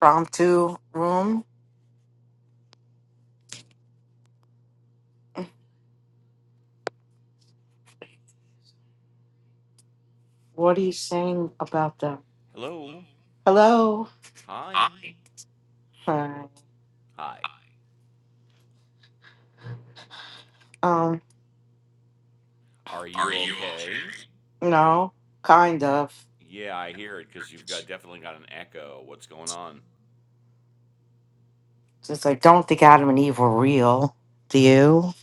Promptu room. What are you saying about them? Hello. Hi. Um, no, kind of. Just I don't think Adam and Eve were real. Do you?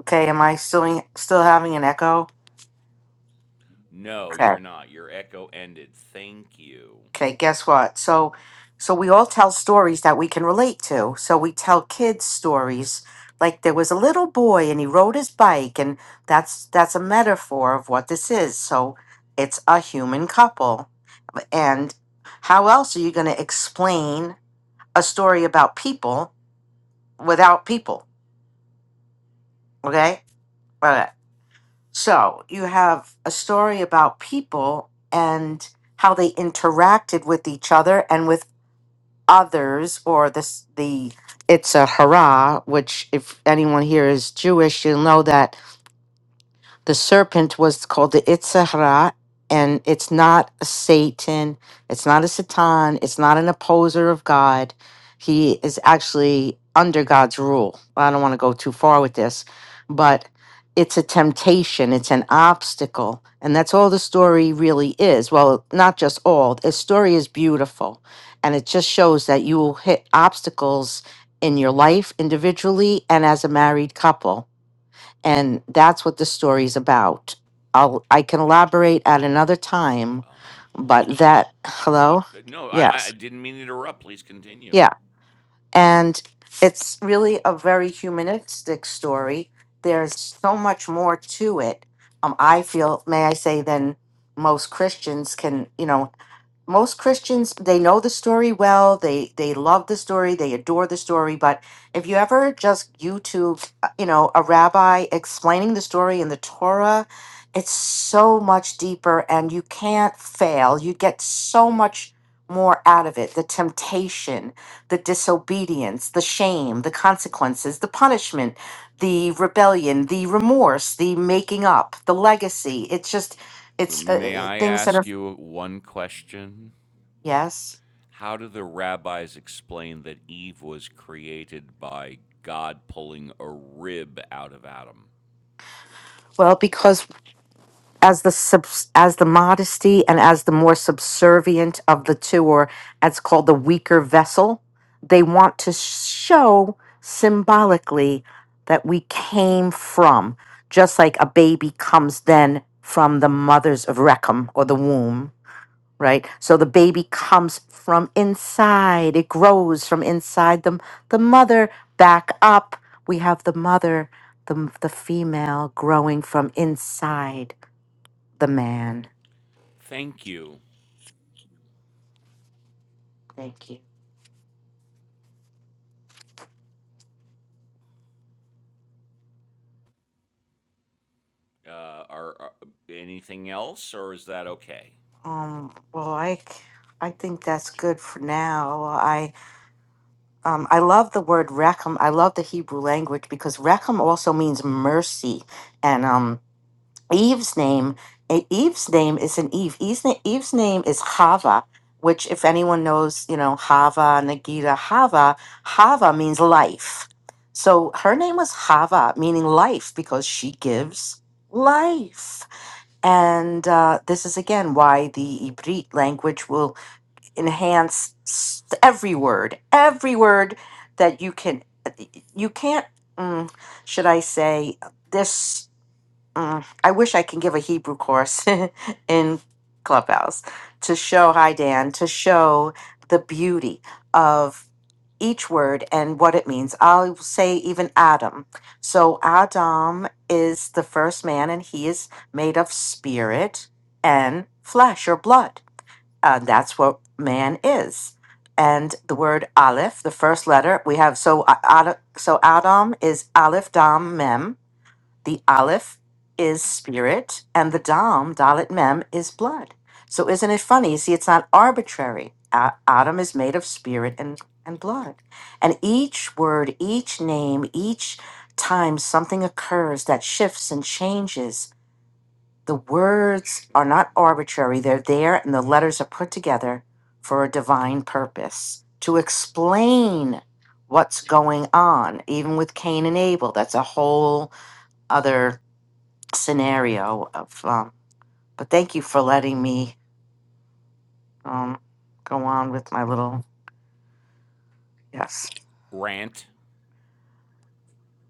Okay, am I still still having an echo? Okay. Okay, guess what? So so we all tell stories that we can relate to. So we tell kids stories like there was a little boy and he rode his bike and that's that's a metaphor of what this is. So it's a human couple. And how else are you going to explain a story about people without people? Okay? All right. So you have a story about people and how they interacted with each other and with others or this the it's a hurrah which if anyone here is jewish you'll know that the serpent was called the Itzhara, and it's not a Satan, it's not a Satan, it's not an opposer of God. He is actually under God's rule. I don't want to go too far with this, but it's a temptation, it's an obstacle. And that's all the story really is. Well, not just all. The story is beautiful. And it just shows that you will hit obstacles in your life individually and as a married couple and that's what the story's about. I'll I can elaborate at another time, but that hello, yes, yeah, and it's really a very humanistic story. There's so much more to it. Um, I feel, may I say, than most Christians can. You know, most Christians they know the story well. They they love the story. They adore the story. But if you ever just YouTube, uh, you know, a rabbi explaining the story in the Torah, it's so much deeper, and you can't fail. You get so much more out of it the temptation the disobedience the shame the consequences the punishment the rebellion the remorse the making up the legacy it's just it's uh, things that are yes Well, because as the subs, as the modesty and as the more subservient of the two, or as called the weaker vessel, they want to show symbolically that we came from, just like a baby comes then from the mother's of recum or the womb right? So the baby comes from inside. It grows from inside the, the mother back up. We have the mother, the, the female growing from inside the man. Thank you. Um, well, I, c- I think that's good for now. I, um, I love the word rechem. I love the Hebrew language because rechem also means mercy. And, um, Eve's name, eh, Eve's name isn't Eve. Eve's, na- Eve's name is Hava, which, if anyone knows, you know, Hava, Nagita, Hava, Hava means life. So her name was Hava, meaning life, because she gives life. And uh, this is again why the Ibrit language will enhance s- every word, every word that you can, you can't, mm, should I say, this. Mm, I wish I can give a Hebrew course in Clubhouse to show, hi Dan, to show the beauty of each word and what it means. I'll say even Adam. So Adam is the first man and he is made of spirit and flesh or blood. Uh, that's what man is. And the word Aleph, the first letter, we have so uh, Ada- so Adam is Aleph Dam Mem the Aleph is spirit, and the Dam, Dalit Mem, is blood. So isn't it funny? You see, it's not arbitrary. A- Adam is made of spirit and, and blood. And each word, each name, each time something occurs that shifts and changes, the words are not arbitrary. They're there, and the letters are put together for a divine purpose to explain what's going on, even with Cain and Abel. That's a whole other scenario of um but thank you for letting me um go on with my little yes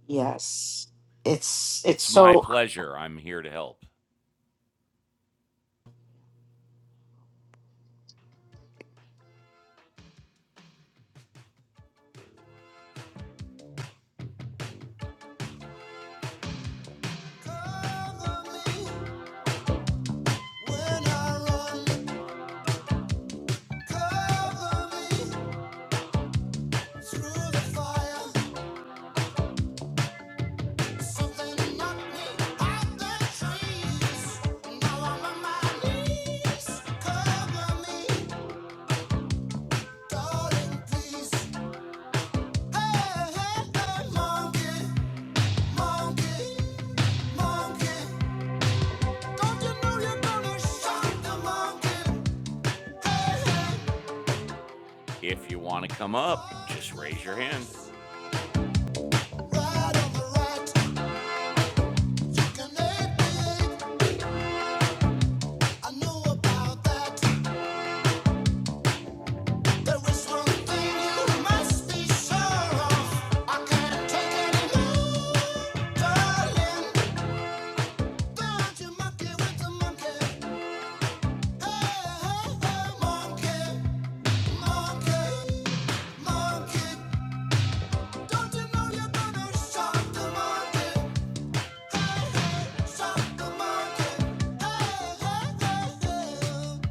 yes it's it's so Cover me when I run. Cover me through the fire. Something knocked me out the trees. Now I'm on my knees. Cover me, darling, please. Hey, hey, hey, monkey, monkey, monkey. Don't you know you're gonna shock the monkey? Hey, hey. Right on the right, you can make it. I know about that. There is one thing you must be sure of. I can't take any more, darling. Don't you monkey with the monkey. Hey, hey, hey, monkey, monkey, monkey. Don't you know you're gonna shock the monkey, shock the monkey. Hey, hey, hey, hey, monkey.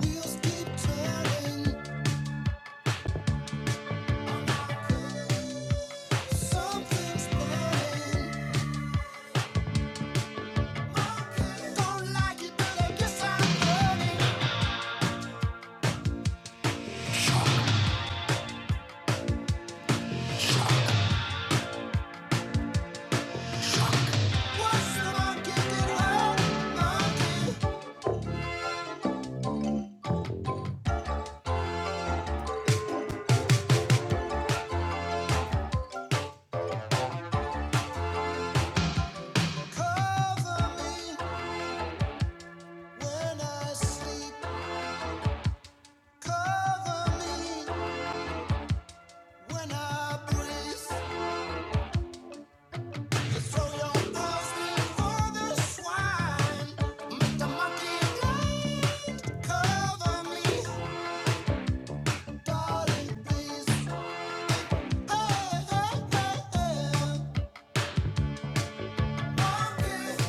Wheels keep turning. Darling, please, hey, hey, hey, hey, monkey.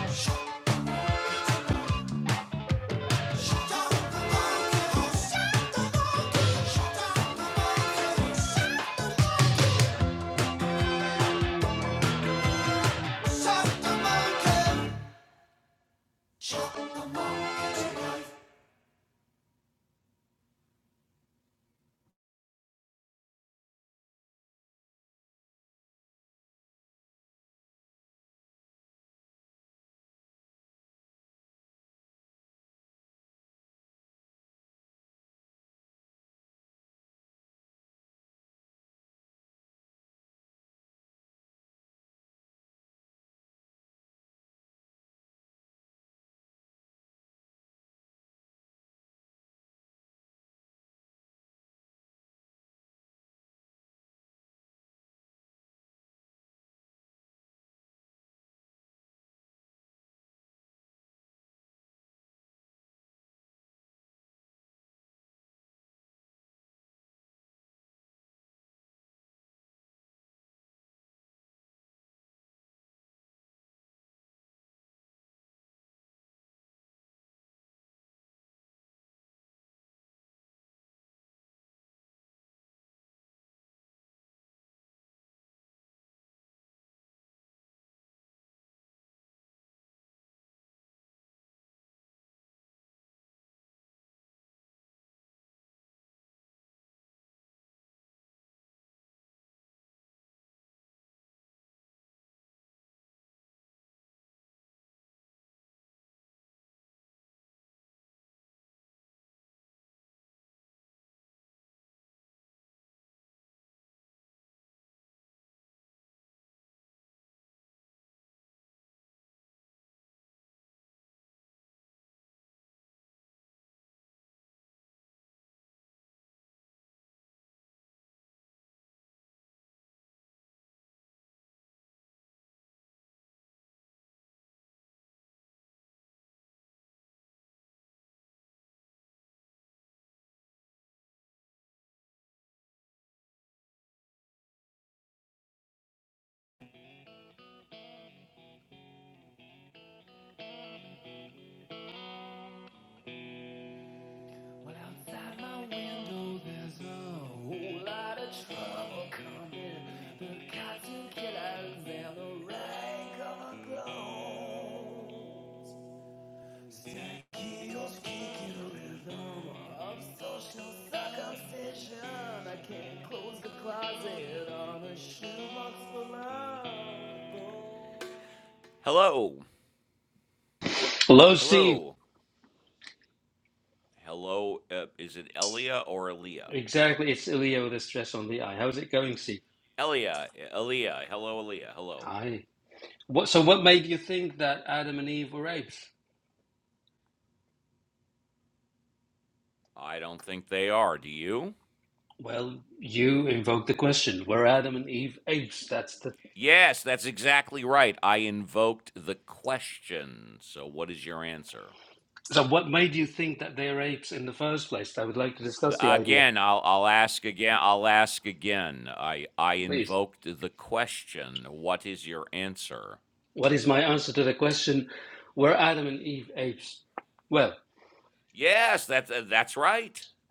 Shut Cause the well Hello, Steve. Exactly, it's Ilya with a stress on the I. How's it going, Steve? Hi. What? So, what made you think that Adam and Eve were apes? Well, you invoked the question: Were Adam and Eve apes? That's the. So, what made you think that they are apes in the first place? I would like to discuss the idea, please. What is my answer to the question: Were Adam and Eve apes? Well,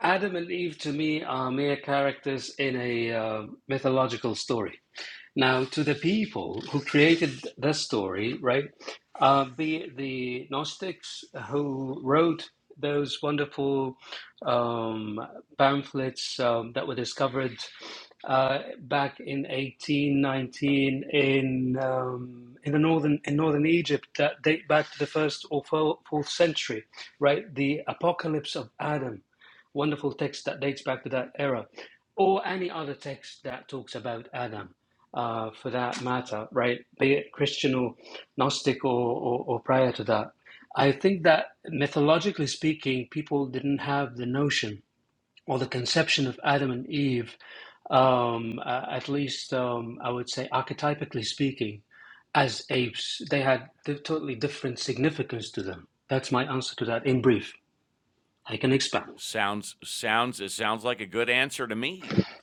Adam and Eve to me are mere characters in a uh, mythological story. Now, to the people who created this story, right? Uh, the the Gnostics who wrote those wonderful um, pamphlets um, that were discovered uh, back in 1819 in um, in the northern in northern Egypt that date back to the first or fo- fourth century, right? The Apocalypse of Adam, wonderful text that dates back to that era, or any other text that talks about Adam uh, for that matter, right? Be it Christian or Gnostic or, or, or prior to that. I think that mythologically speaking, people didn't have the notion or the conception of Adam and Eve, um, uh, at least um, I would say archetypically speaking, as apes. They had totally different significance to them. That's my answer to that in brief. I can expand.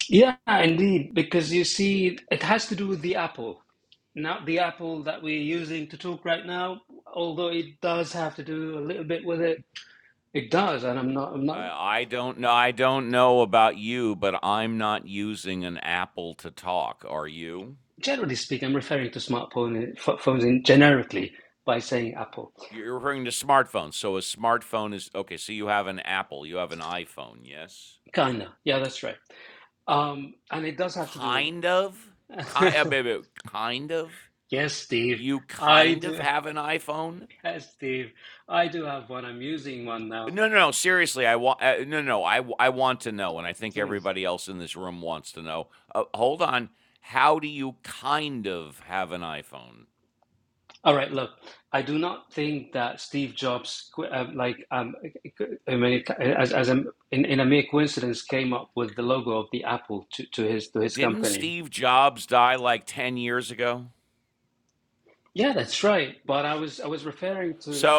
Yeah, indeed, because you see, it has to do with the Apple, not the Apple that we're using to talk right now, although it does have to do a little bit with it. It does, and I'm not, I'm not, generally speaking, I'm referring to smartphone ph- phones in generically by saying Apple. Kinda. Yeah, that's right. Um, and it does have to do with it. Yes, Steve, I do. Yes, Steve, I do have one. I'm using one now. All right, look, I do not think that Steve Jobs, qu- um, like, um, I mean, as as a, in in a mere coincidence, came up with the logo of the Apple to, to his to his company. Yeah, that's right. But I was I was referring to.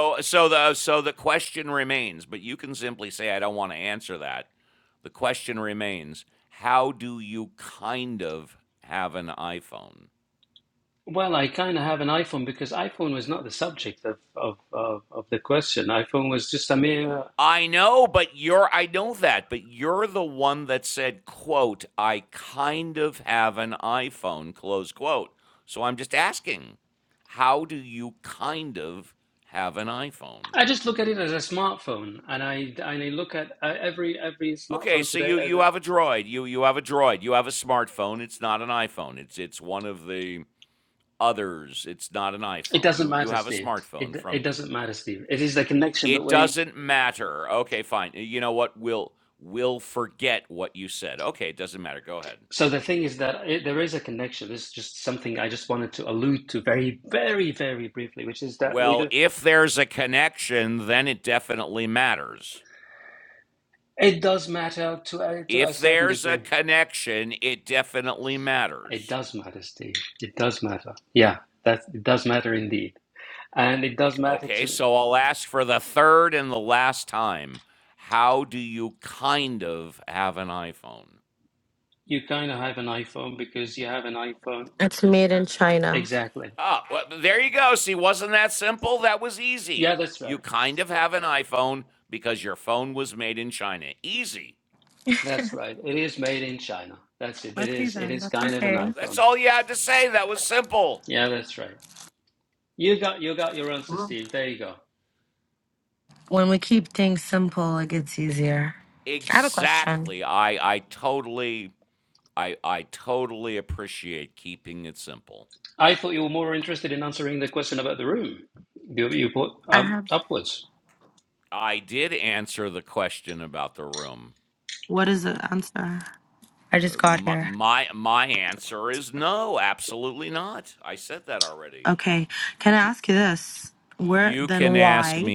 Well, I kind of have an iPhone because iPhone was not the subject of, of of of the question. iPhone was just a mere. I just look at it as a smartphone, and I and I look at uh, every every smartphone today as a. It doesn't matter, Steve. It it doesn't matter, Steve. It is the connection between So the thing is that it, there is a connection. This is just something I just wanted to allude to very, very, very briefly, which is that we do. It does matter to a, to a certain degree. It does matter, Steve. It does matter. Yeah, that it does matter indeed, and it does matter to you. Kind of have an iPhone because you have an iPhone. It's made in China. Exactly. Yeah, that's right. That's right. It is made in China. That's it. It Okay, is. It then. is That's kind of an okay. iPhone. Yeah, that's right. You got you got your answer, Steve. There you go. When we keep things simple, it gets easier. I have a question. I thought you were more interested in answering the question about the room. You, you put I um, have. upwards. What is the answer? I just got here. Okay. Can I ask you this? Where, then why?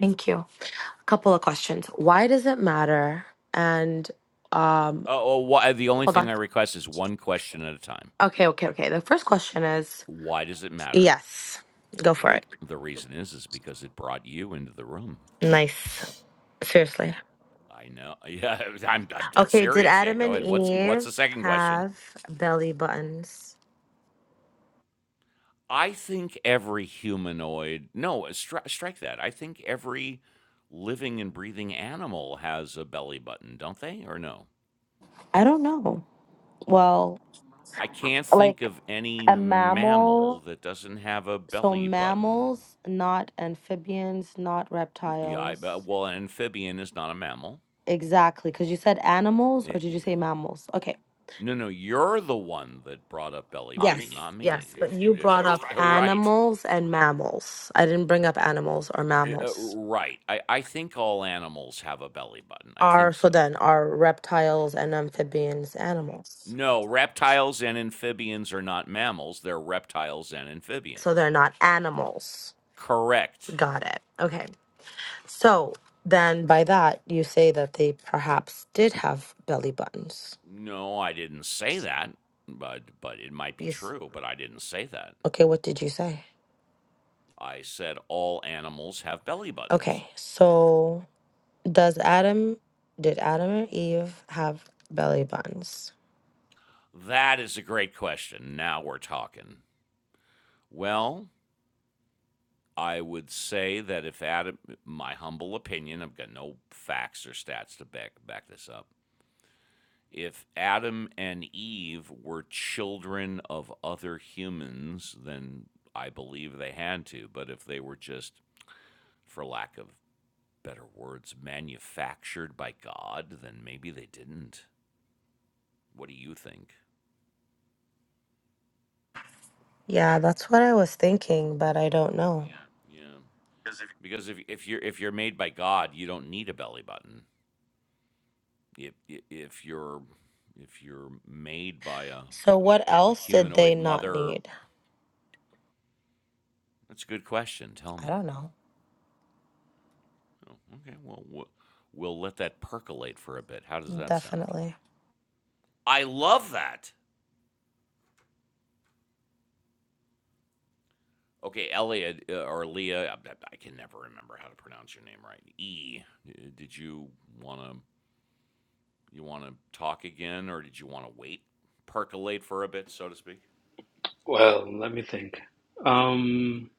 Thank you. A couple of questions. Why does it matter? And um, hold on. Okay, okay, okay. The first question is yes. Go for it. Nice. Seriously. Okay, did Adam and Eve have belly buttons? I don't know. Well, like a mammal. So mammals, not amphibians, not reptiles. Exactly, because you said animals, or did you say mammals? Okay. Yes, yes, but you brought up Animals and mammals. I didn't bring up animals or mammals. Are so then are reptiles and amphibians animals? So they're not animals. Got it. Okay. So then by that, you say that they perhaps did have belly buttons. Yes. Okay, what did you say? Okay. So does Adam, did Adam and Eve have belly buttons? Yeah, that's what I was thinking, but I don't know. So what else did they not need? I don't know. Definitely. Well, let me think. Um,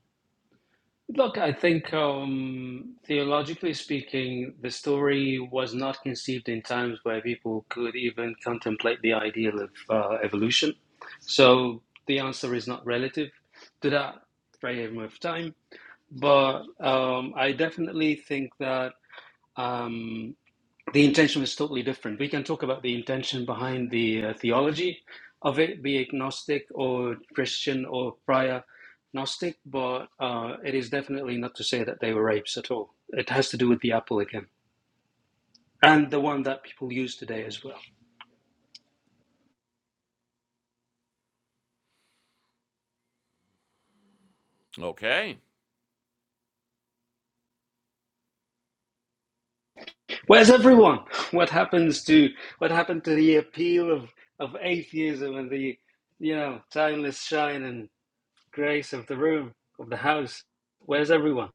look, I think um, theologically speaking, the story was not conceived in times where people could even contemplate the ideal of uh, evolution. So the answer is not relative to that frame of time. But um, I definitely think that. Um, the intention was totally different. We can talk about the intention behind the uh, theology of it, be agnostic or Christian or prior Gnostic, but uh, it is definitely not to say that they were rapes at all. It has to do with the apple again. And the one that people use today as well. Where's everyone? What happens to what happened to the appeal of, of atheism and the you know timeless shine and grace of the room of the house? Where's everyone?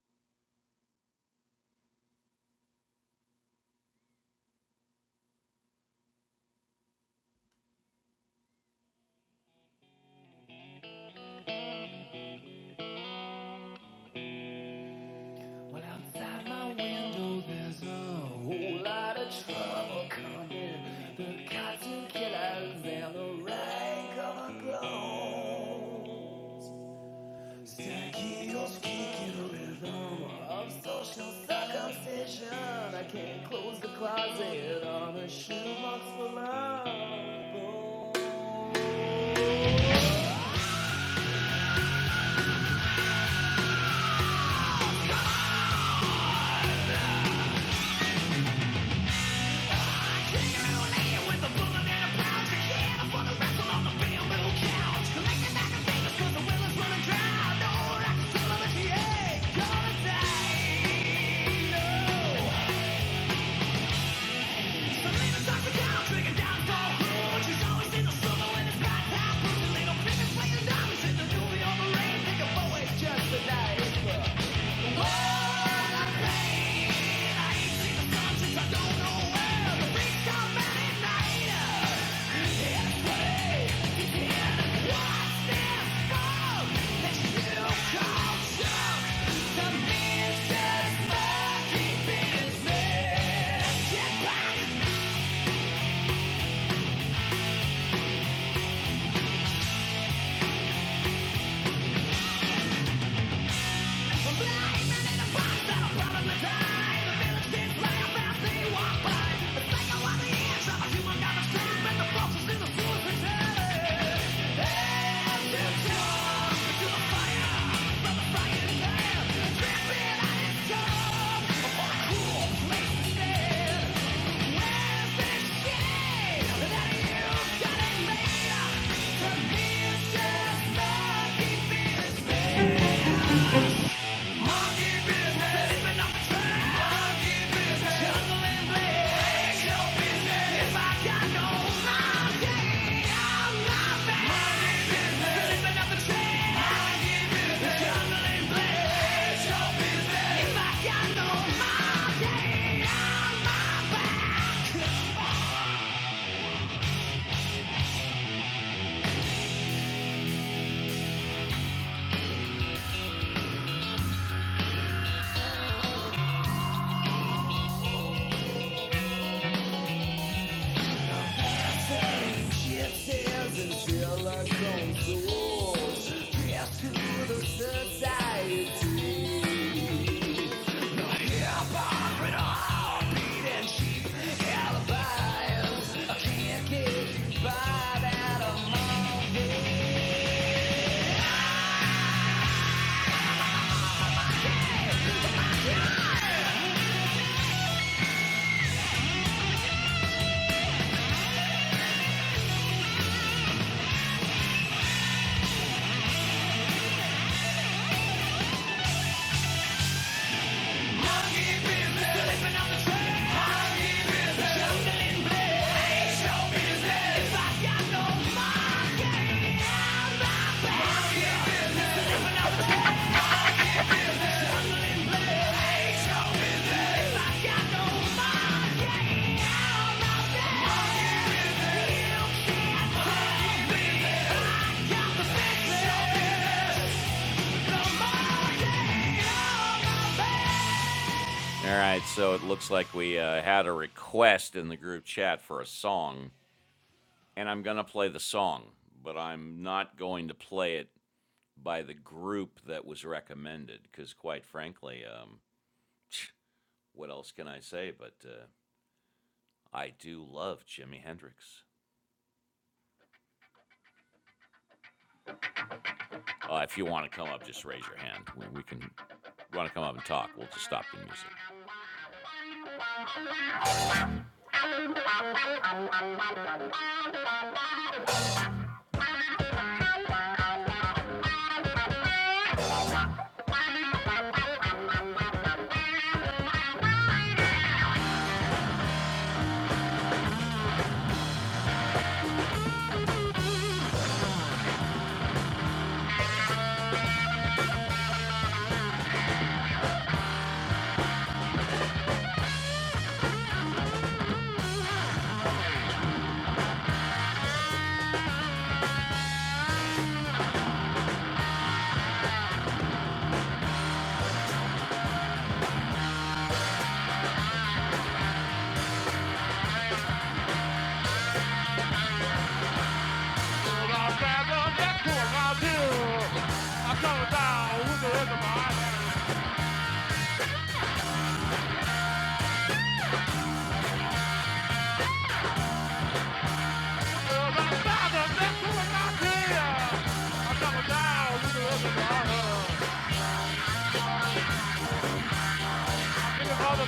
is running dry, no, I can feel it in the gonna die. If I got no money, I'm Living up the chain.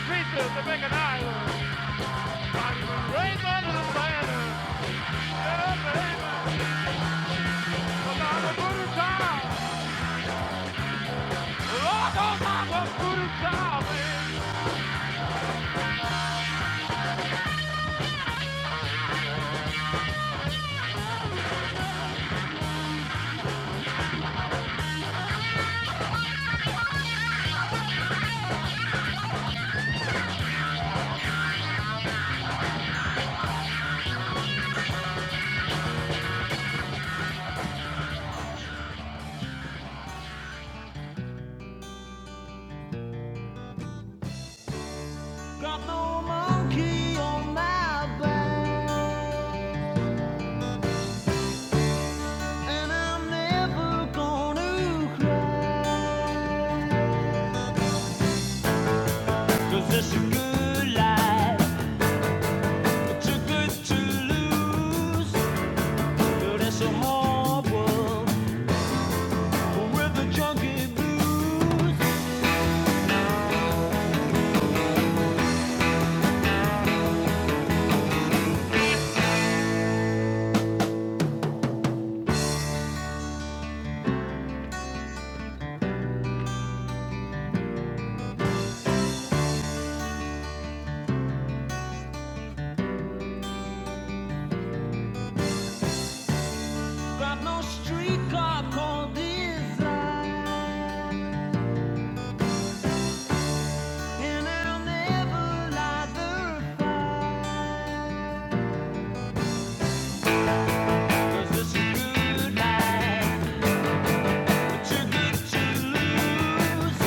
Pieces to make an island. raised under the banner. And I'm a voodoo child. Lord knows I'm a voodoo child, man. Cause it's a good life, too good to lose. But it's a hard world with the junkie blues. Got no streetcar called this, and I'll never lie there. 'Cause this good life, but too good to lose.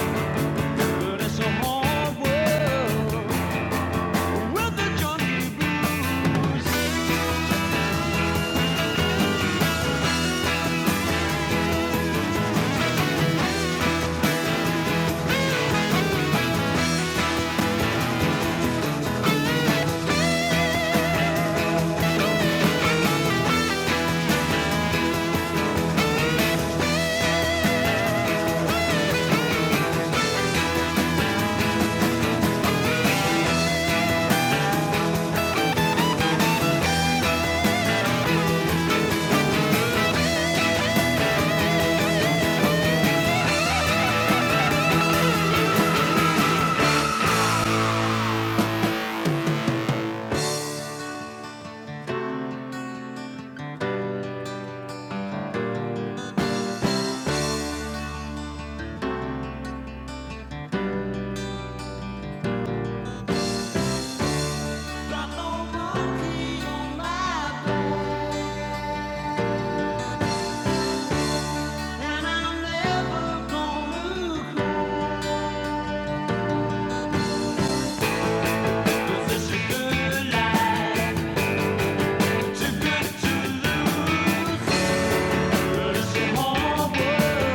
'Cause this is good life, too good to lose. It's a hard world.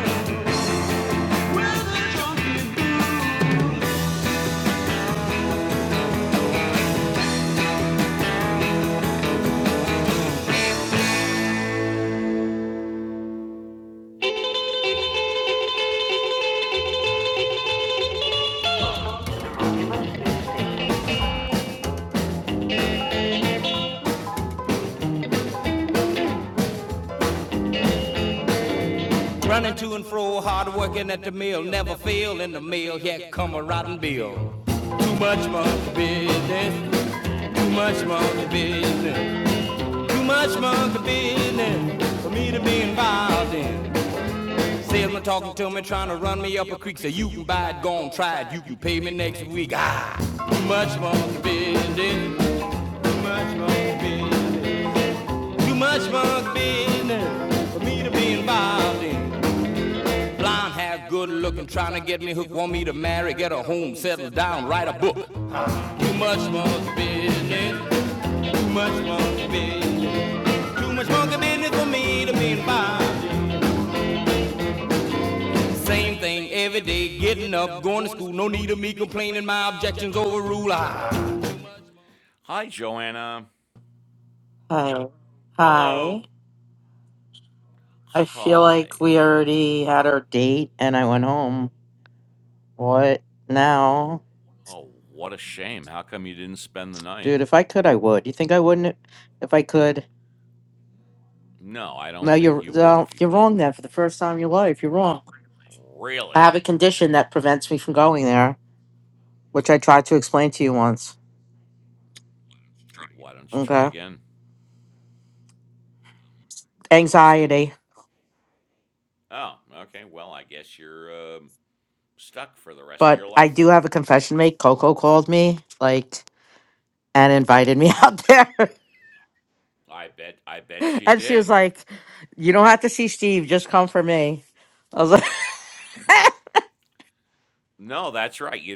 Running to and fro, hard working at the mill, never fail in the mill. Here come a rotten bill. Too much monkey business, too much monkey business, too much monkey business for me to be involved in. Salesman talking to me, trying to run me up a creek. Say you can buy it, go on try it. You can pay me next week. Ah, too much monkey business, too much monkey business, too much monkey business for me to be involved in. Blonde hair, good looking, trying to get me hooked, want me to marry, get a home, settle down, write a book. Too much monkey business, too much monkey business, too much monkey business for me to be involved. Same thing every day, getting up, going to school, no need of me complaining, my objections overrule. I hi hi i feel like we already had our date and i went home what now dude if i could i would you think i wouldn't if i could no you're no, you're wrong then for the first time in your life you're wrong i have a condition that prevents me from going there which i tried to explain to you once okay anxiety But I do have a confession to make. Coco called me, like, and invited me out there. and she was like, You don't have to see Steve, just come for me. I was like,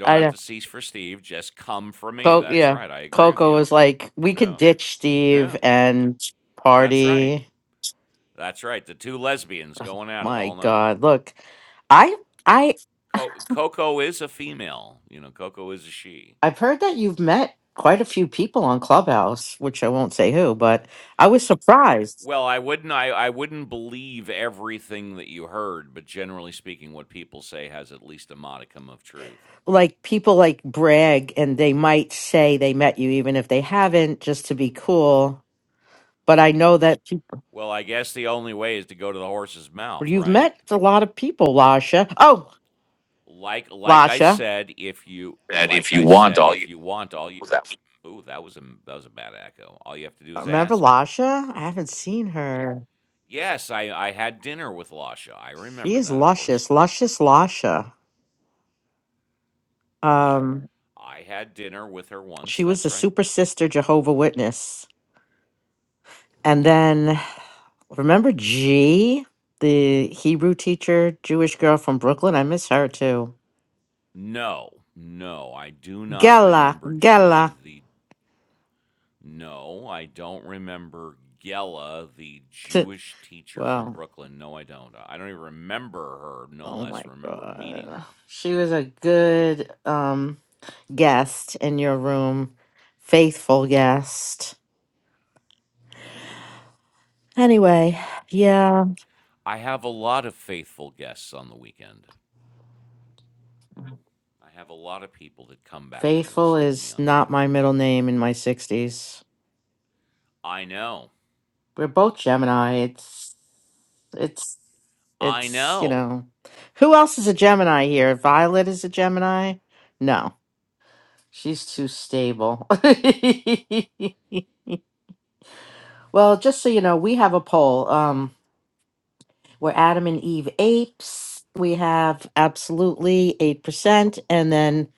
I know. Co- yeah. Coco was like, We could ditch Steve and party. My God. Look, I I I've heard that you've met quite a few people on Clubhouse, which I won't say who, but I was surprised. like people like brag and they might say they met you even if they haven't just to be cool but i know that people, you've met a lot of people lasha oh lasha That if you want all you that remember lasha i haven't seen her she is luscious luscious lasha um she was a super sister jehovah witness and then remember g the hebrew teacher jewish girl from brooklyn i miss her too Gala, Gala. T- Well, Oh my god. She was a good um guest in your room. Faithful guest. Anyway, yeah. Faithful is not my middle name in my 60s. We're both Gemini. It's it's it's, you know. Who else is a Gemini here? Violet is a Gemini? No. She's too stable. Well, just so you know, we have a poll. Um, we're Adam and Eve apes. We have absolutely 8%, and then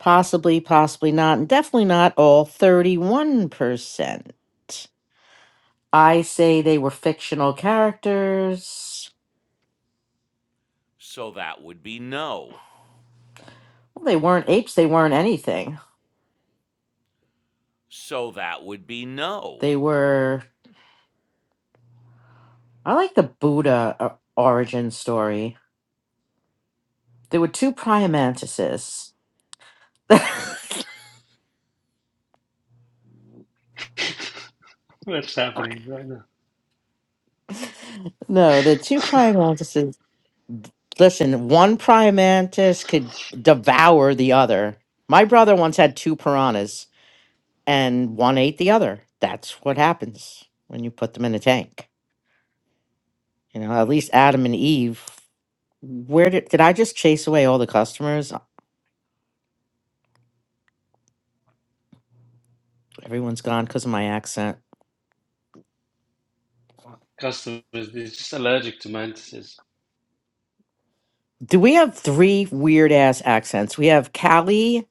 possibly, possibly not, and definitely not all 31%. I say they were fictional characters. Well, they weren't apes, they weren't anything. They were, I like the Buddha uh, origin story. There were two praying mantises. What's happening right now? no, the two praying mantises. Listen, one praying mantis could devour the other. My brother once had two piranhas, and one ate the other. That's what happens when you put them in a tank. You know, at least Adam and Eve. Where did did I just chase away all the customers? Everyone's gone because of my accent. Customers, they're just allergic to mantises. Do we have three weird ass accents? We have Callie,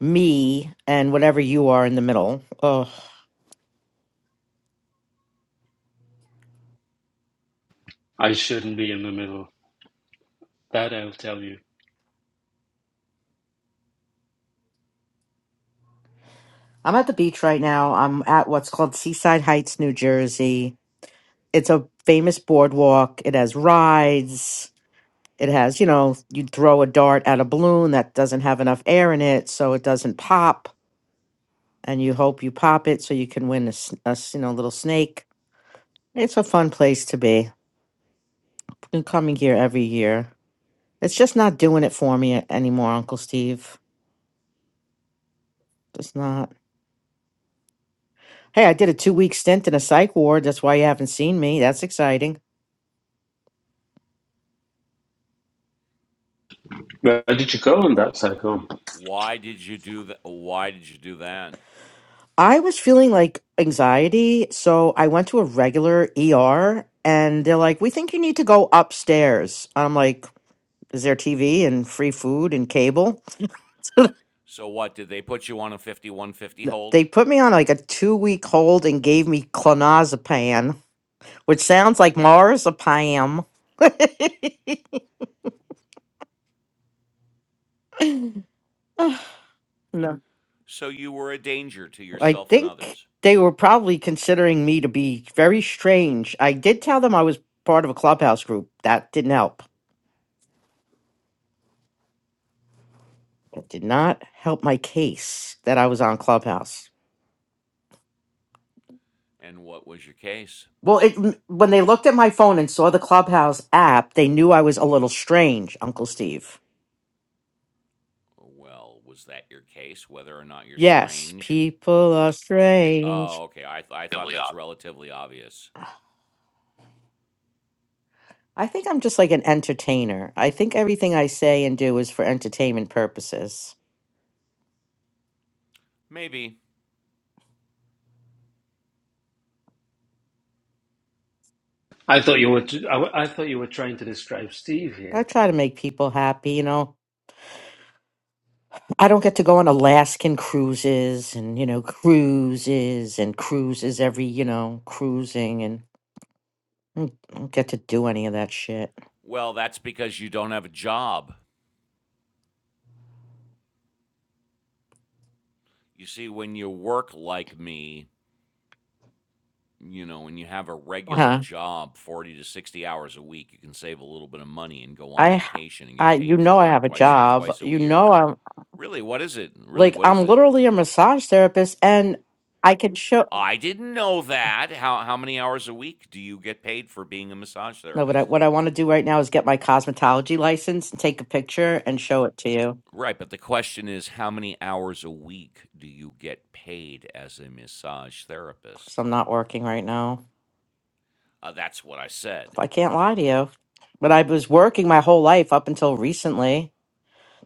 me, and whatever you are in the middle. Oh, I shouldn't be in the middle. That I'll tell you. I'm at the beach right now. I'm at what's called Seaside Heights, New Jersey. it's a famous boardwalk. It has rides. It has, you know, you throw a dart at a balloon that doesn't have enough air in it, so it doesn't pop, and you hope you pop it so you can win a, s- a s- you know little snake. It's a fun place to be. Been coming here every year. It's just not doing it for me anymore, Uncle Steve. Just not. Hey, I did a two week stint in a psych ward. That's why you haven't seen me. That's exciting. Where did you go on that cycle? I was feeling like anxiety, so I went to a regular ER and they're like, "We think you need to go upstairs." I'm like, "Is there TV and free food and cable?" N- They put me on like a 2-week hold and gave me clonazepam, which sounds like marzipan. no. I think they were probably considering me to be very strange. I did tell them I was part of a clubhouse group. That didn't help. It did not help my case that I was on Clubhouse. Well, it when they looked at my phone and saw the Clubhouse app, they knew I was a little strange, Uncle Steve. Yes, people are strange. Really odd. I think I'm just like an entertainer. I think everything I say and do is for entertainment purposes. I thought you were. T- I, w- I thought you were trying to describe Steve I here. try to make people happy, you know. I don't get to go on Alaskan cruises and, you know, cruises and cruises every, you know, cruising. and. I don't get to do any of that shit. Huh? I, h- I, you know, I have a job. You know, I'm like, I'm literally a massage therapist, and I can show. No, but I, what I want to do right now is get my cosmetology license and take a picture and show it to you. Because I'm not working right now. I can't lie to you. But I was working my whole life up until recently,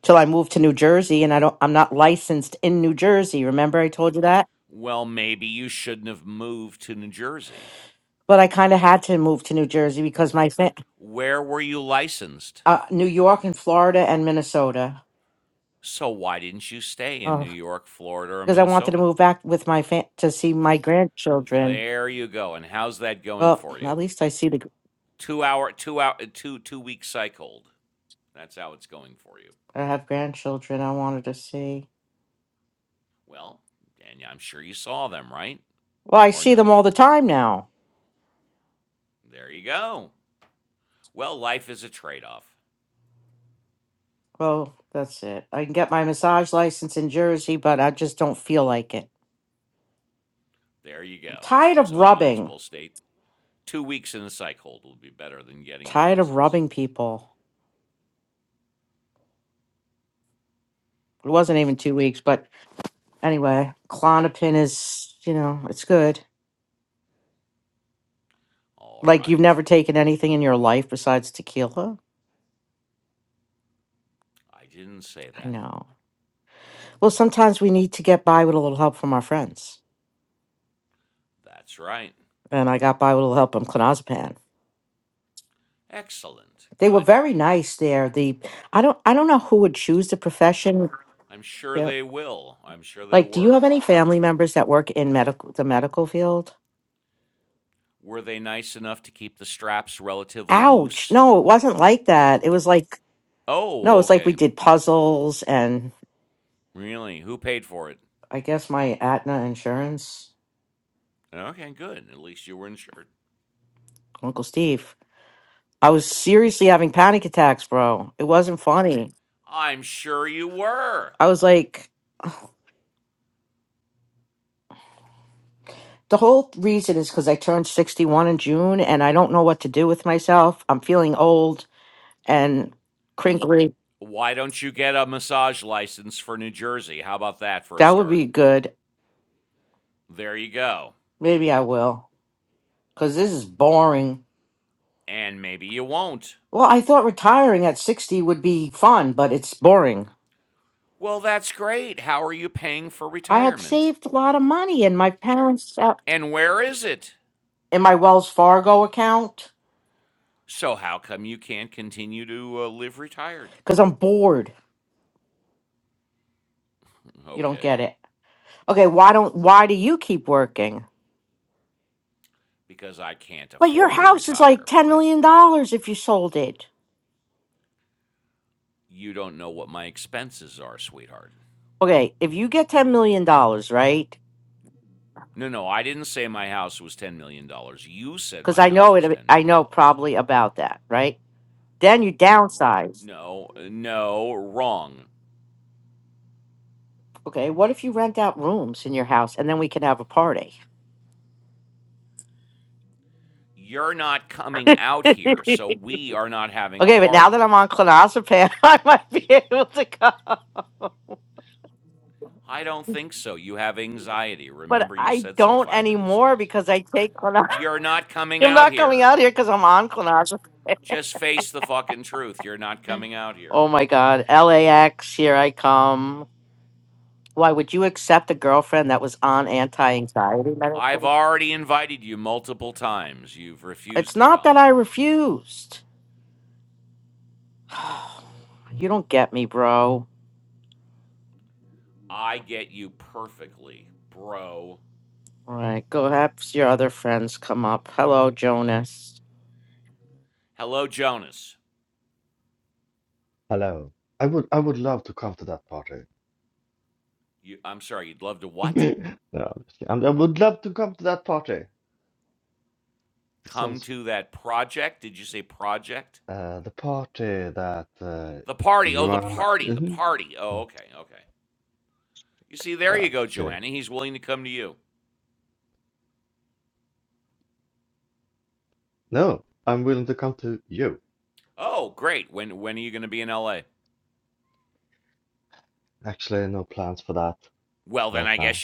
till I moved to New Jersey, and I don't. I'm not licensed in New Jersey. Remember, I told you that. But I kind of had to move to New Jersey because my fa- uh, New York and Florida and Minnesota. Oh, because I wanted to move back with my fa- to see my grandchildren. Well, at least I see the gr- I have grandchildren. I wanted to see. Well, I see them all the time now. Well, that's it. I can get my massage license in Jersey, but I just don't feel like it. I'm tired of rubbing. Tired of rubbing people. It wasn't even two weeks, but anyway, Clonopin is you know it's good. Like you've never taken anything in your life besides tequila. I know. Well, sometimes we need to get by with a little help from our friends, and I got by with a little help from clonazepam. They were very nice there. The I don't I don't know who would choose the profession. Yeah. Like, do you have any family members that work in medical the medical field? Ouch! No, it wasn't like that. It was like no, it's like we did puzzles and I guess my Aetna insurance, Uncle Steve. I was seriously having panic attacks, bro. It wasn't funny. I was like, The whole reason is because I turned 61 in June and I don't know what to do with myself. I'm feeling old and crinkly. That would be good. Maybe I will because this is boring. Well, I thought retiring at 60 would be fun, but it's boring. I had saved a lot of money in my parents' uh, in my Wells Fargo account because I'm bored. You don't get it. Okay, why don't why do you keep working? But your house is like $10 million dollars if you sold it. Okay, if you get ten million dollars, right? Because I know it. I know probably about that, right? Then you downsize. Okay, what if you rent out rooms in your house and then we can have a party? okay, but now that I'm on clonazepam, I might be able to go. But I don't anymore because I take clonazepam. I'm not coming out here because I'm on clonazepam. Oh my god, LAX, here I come. Why would you accept a girlfriend that was on anti-anxiety medicine? It's not that I refused. You don't get me, bro. All right, go have your other friends come up. Hello, Jonas. Hello. I would I would love to come to that party. No, I'm just kidding. I I would love to come to that party. Sounds uh the party that uh you and Mhm. No, I'm just kidding. No, I'm willing to come to you. Actually, no plans for that right now.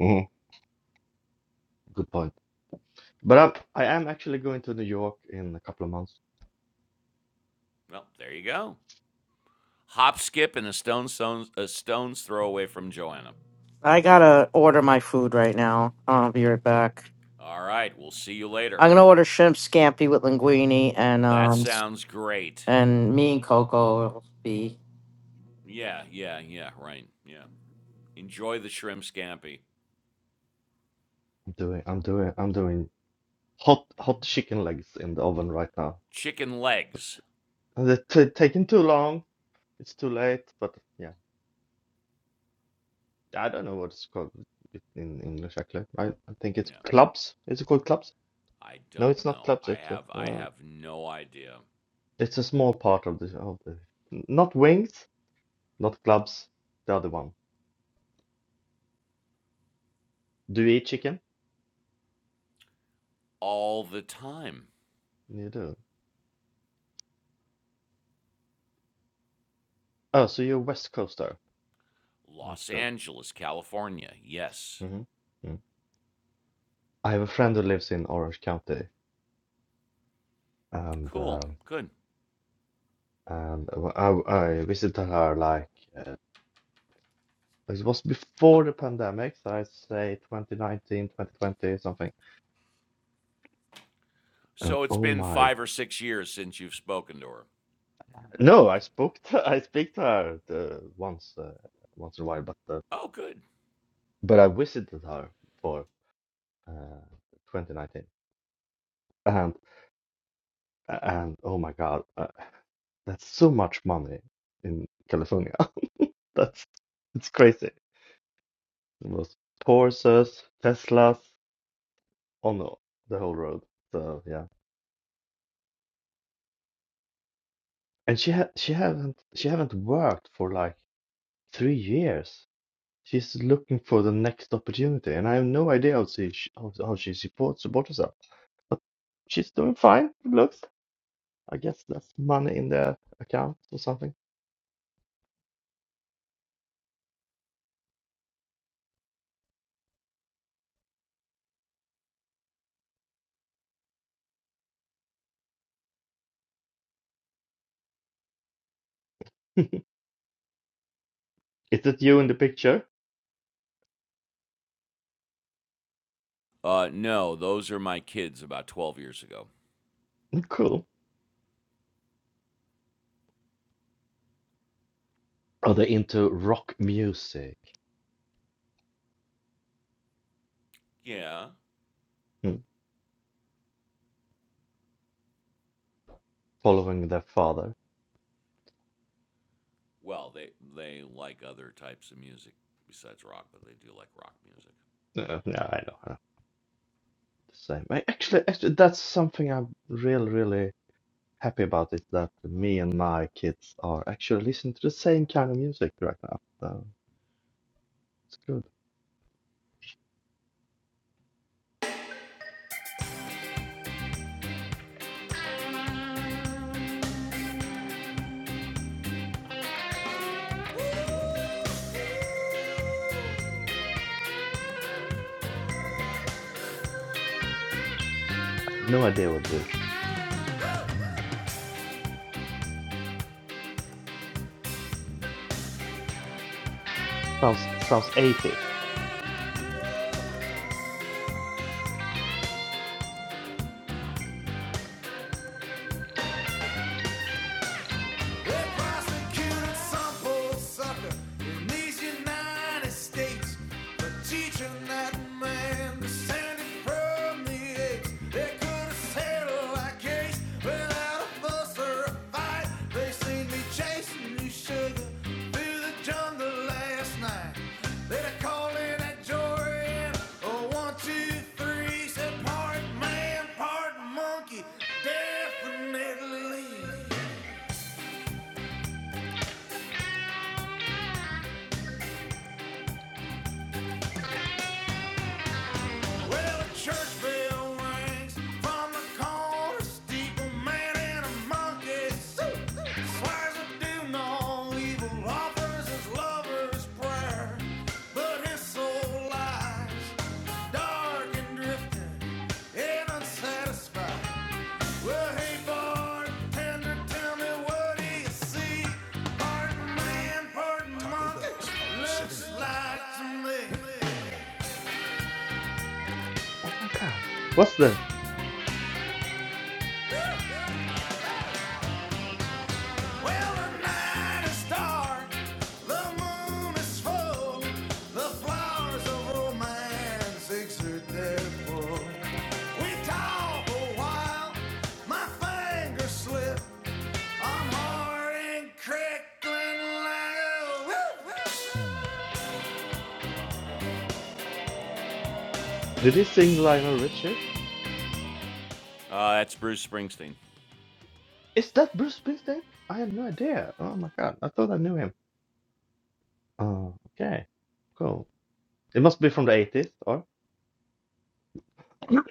Mhm. Good point. But I'm, I am actually going to New York in a couple of months. I gotta order my food right now. I'll be right back. I'm gonna order shrimp scampi with linguine, and um, and me and Coco will be I'm doing I'm doing I'm doing hot hot chicken legs in the oven right now. And It's t taking too long. It's too late, but yeah. I don't know what it's called in English actually. I, I think it's clubs. Is it called clubs? No, it's not clubs. It's just, uh, it's a small part of the of the not wings, not clubs. The other one. Do you eat chicken? You do. Oh, so you're a West Coaster. Understood. hmm mm I have a friend who lives in Orange County, and um, and I I visited her like uh, it was before the pandemic, so I'd say 2019, 2020, something. And oh my. No, I spoke to I speak to her the, once uh, once in a while, but uh, but I visited her for uh, 2019, and and oh my God, uh, that's so much money in California. That's it's crazy. It was Porsches, Teslas on the the whole road. So yeah, and she ha she haven't she haven't worked for like three years. She's looking for the next opportunity, and I have no idea how she how, how she supports supports herself. But she's doing fine. It looks. I guess that's money in their account or something. Is it you in the picture? Cool. Are they into rock music? Hmm. Following their father? No, no, I know. I know. The same. I, actually, actually, that's something I'm really, really happy about. Is that me and my kids are actually listening to the same kind of music right now. So it's good. I have no idea what this. Sounds sounds 80s. prosecuted some poor sucker in these United States for teaching that man descended from the apes. They could have settled our case without a fuss or a fight. They seen me chasing you, sugar, through the jungle last night. They'd have called in at Jorian, oh, said part man, part monkey, definitely. Well, a church bell rings from the corner steeple. Man in a monkey suit swears to do no evil. Offers his lover's prayer, but his soul lies dark and drifting and unsatisfied. Well, hey, bartender, tell me what do you see? Pardon man, pardon monkey, looks like to me. Oh my god. What's this? Well, the night is dark, the moon is full, the flowers of romance exert their pull. We talk a while, my fingers slip, I'm hard and crickling like a whoop, whoop. Did he sing Lionel Richie? Is that Bruce Springsteen? I have no idea. Oh my god. I thought I knew him. Oh, okay. Cool. It must be from the 80s, or do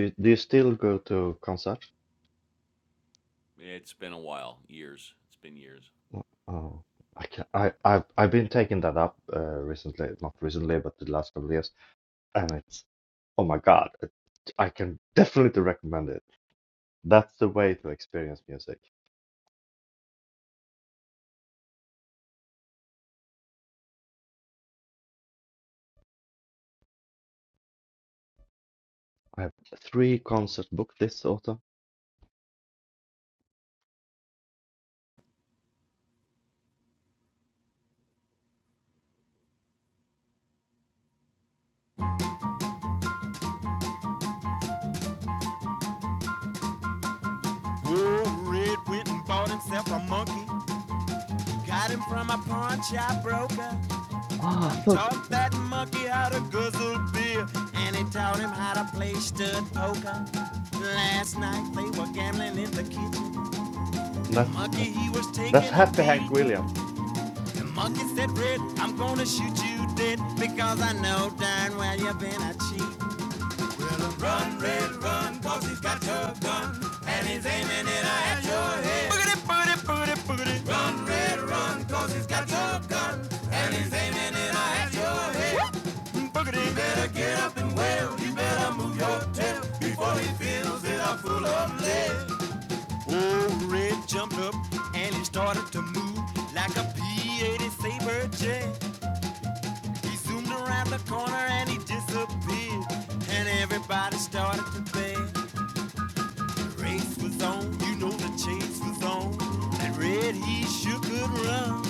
you, do you still go to concerts? Oh, oh, I can I I've I've been taking that up uh, recently, not recently, but the last couple of years, and it's oh my god, it, I can definitely recommend it. That's the way to experience music. I have three concerts booked this autumn. whoop. bought himself a monkey, got him from a pawn shop broker. Ah, so th- Taught mm, that monkey how to guzzle beer, and he taught him how to play stud poker. Last night they were gambling in the kitchen. The that's monkey that's he was that's taking a Happy beat. Hank Williams. The monkey said, "Red, I'm gonna shoot you dead because I know darn well you've been a cheat." And cause he's got your gun and he's aiming it at your head. Boogity, boogity, boogity, boogity, Run, boogity. You better get up and wail. You better move your tail before he fills it up full of lead. Old Red jumped up and he started to move like a P-80 Sabre jet. He zoomed around the corner and he disappeared. And everybody started to play. The race was on, you know the chase was on. That red he sure could run.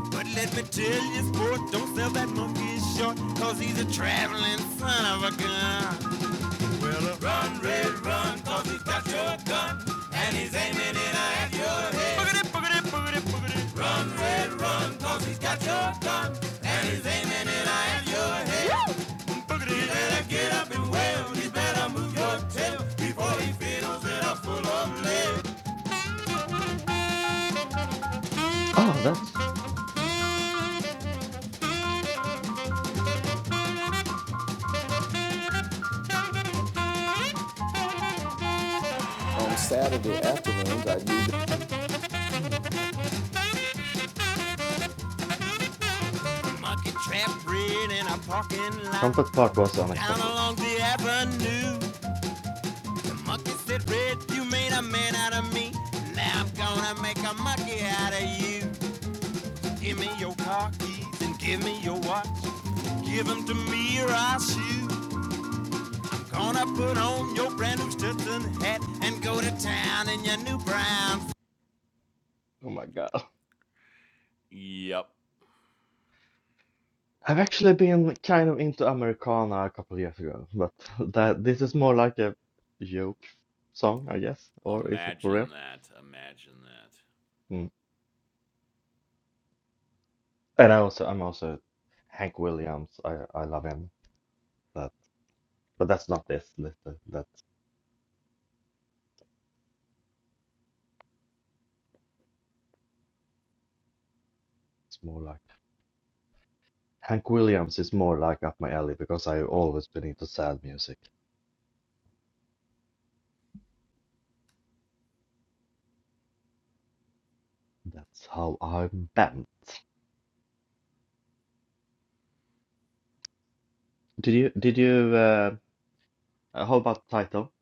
But let me tell you, sport, don't sell that monkey short 'cause he's a traveling son of a gun. Well, uh, Run, Red, run, cause he's got your gun and he's aiming it at your head. boogity, boogity, boogity, boogity, Run, Red, run, cause he's got your gun. boogity. Better get Oh, that's oh my God. monkey trap red in a parking lot Trumpet part was down unexpected. along the avenue. The monkey said, Red, you made a man out of me. Now I'm gonna make a monkey out of you. Give me your car keys and give me your watch. Give 'em to me or I'll shoot. Gonna put on your brand new Stetson hat and go to town in your new brown Oh my God. I've actually been kind of into Americana a couple of years ago, but that this is more like a joke song, I guess, or is it for real? Mm. And I also I'm also Hank Williams. I I love him. That but that's not this. this- That's it's more like Hank Williams is more like up my alley because I've always been into sad music. That's how I'm bent. Did you did you uh, uh, how about title?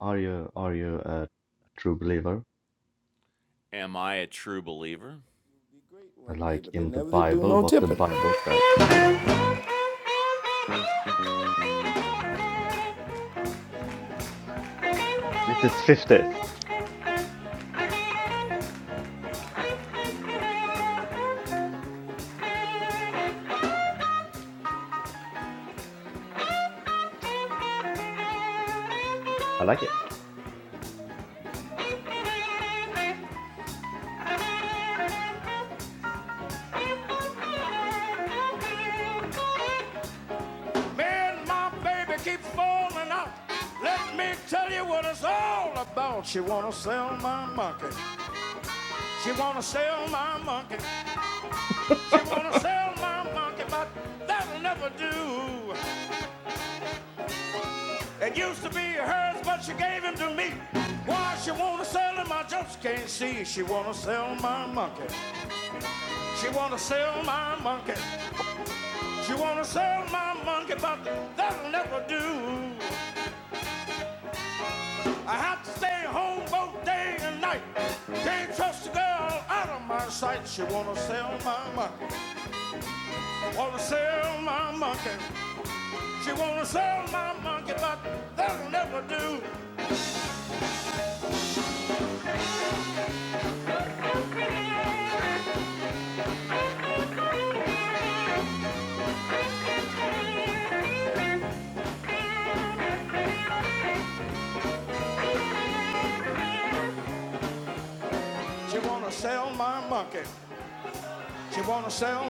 Are you are you a true believer? great one day, like but they in the never did do Bible, no what the tipping. Bible says. This is 50s. I like it. Man, my baby keeps falling out. Let me tell you what it's all about. She wanna sell my monkey. She wanna sell my monkey. She wanna sell my monkey, but that'll never do. It used to be hers, but she gave him to me. Why she wanna sell him, I just can't see. She wanna sell my monkey. She wanna sell my monkey. She wanna sell my monkey, but that'll never do. I have to stay home both day and night. Can't trust a girl out of my sight. She wanna sell my monkey. Wanna sell my monkey. She wanna sell my monkey, but that'll never do. She wanna sell my monkey. She wanna sell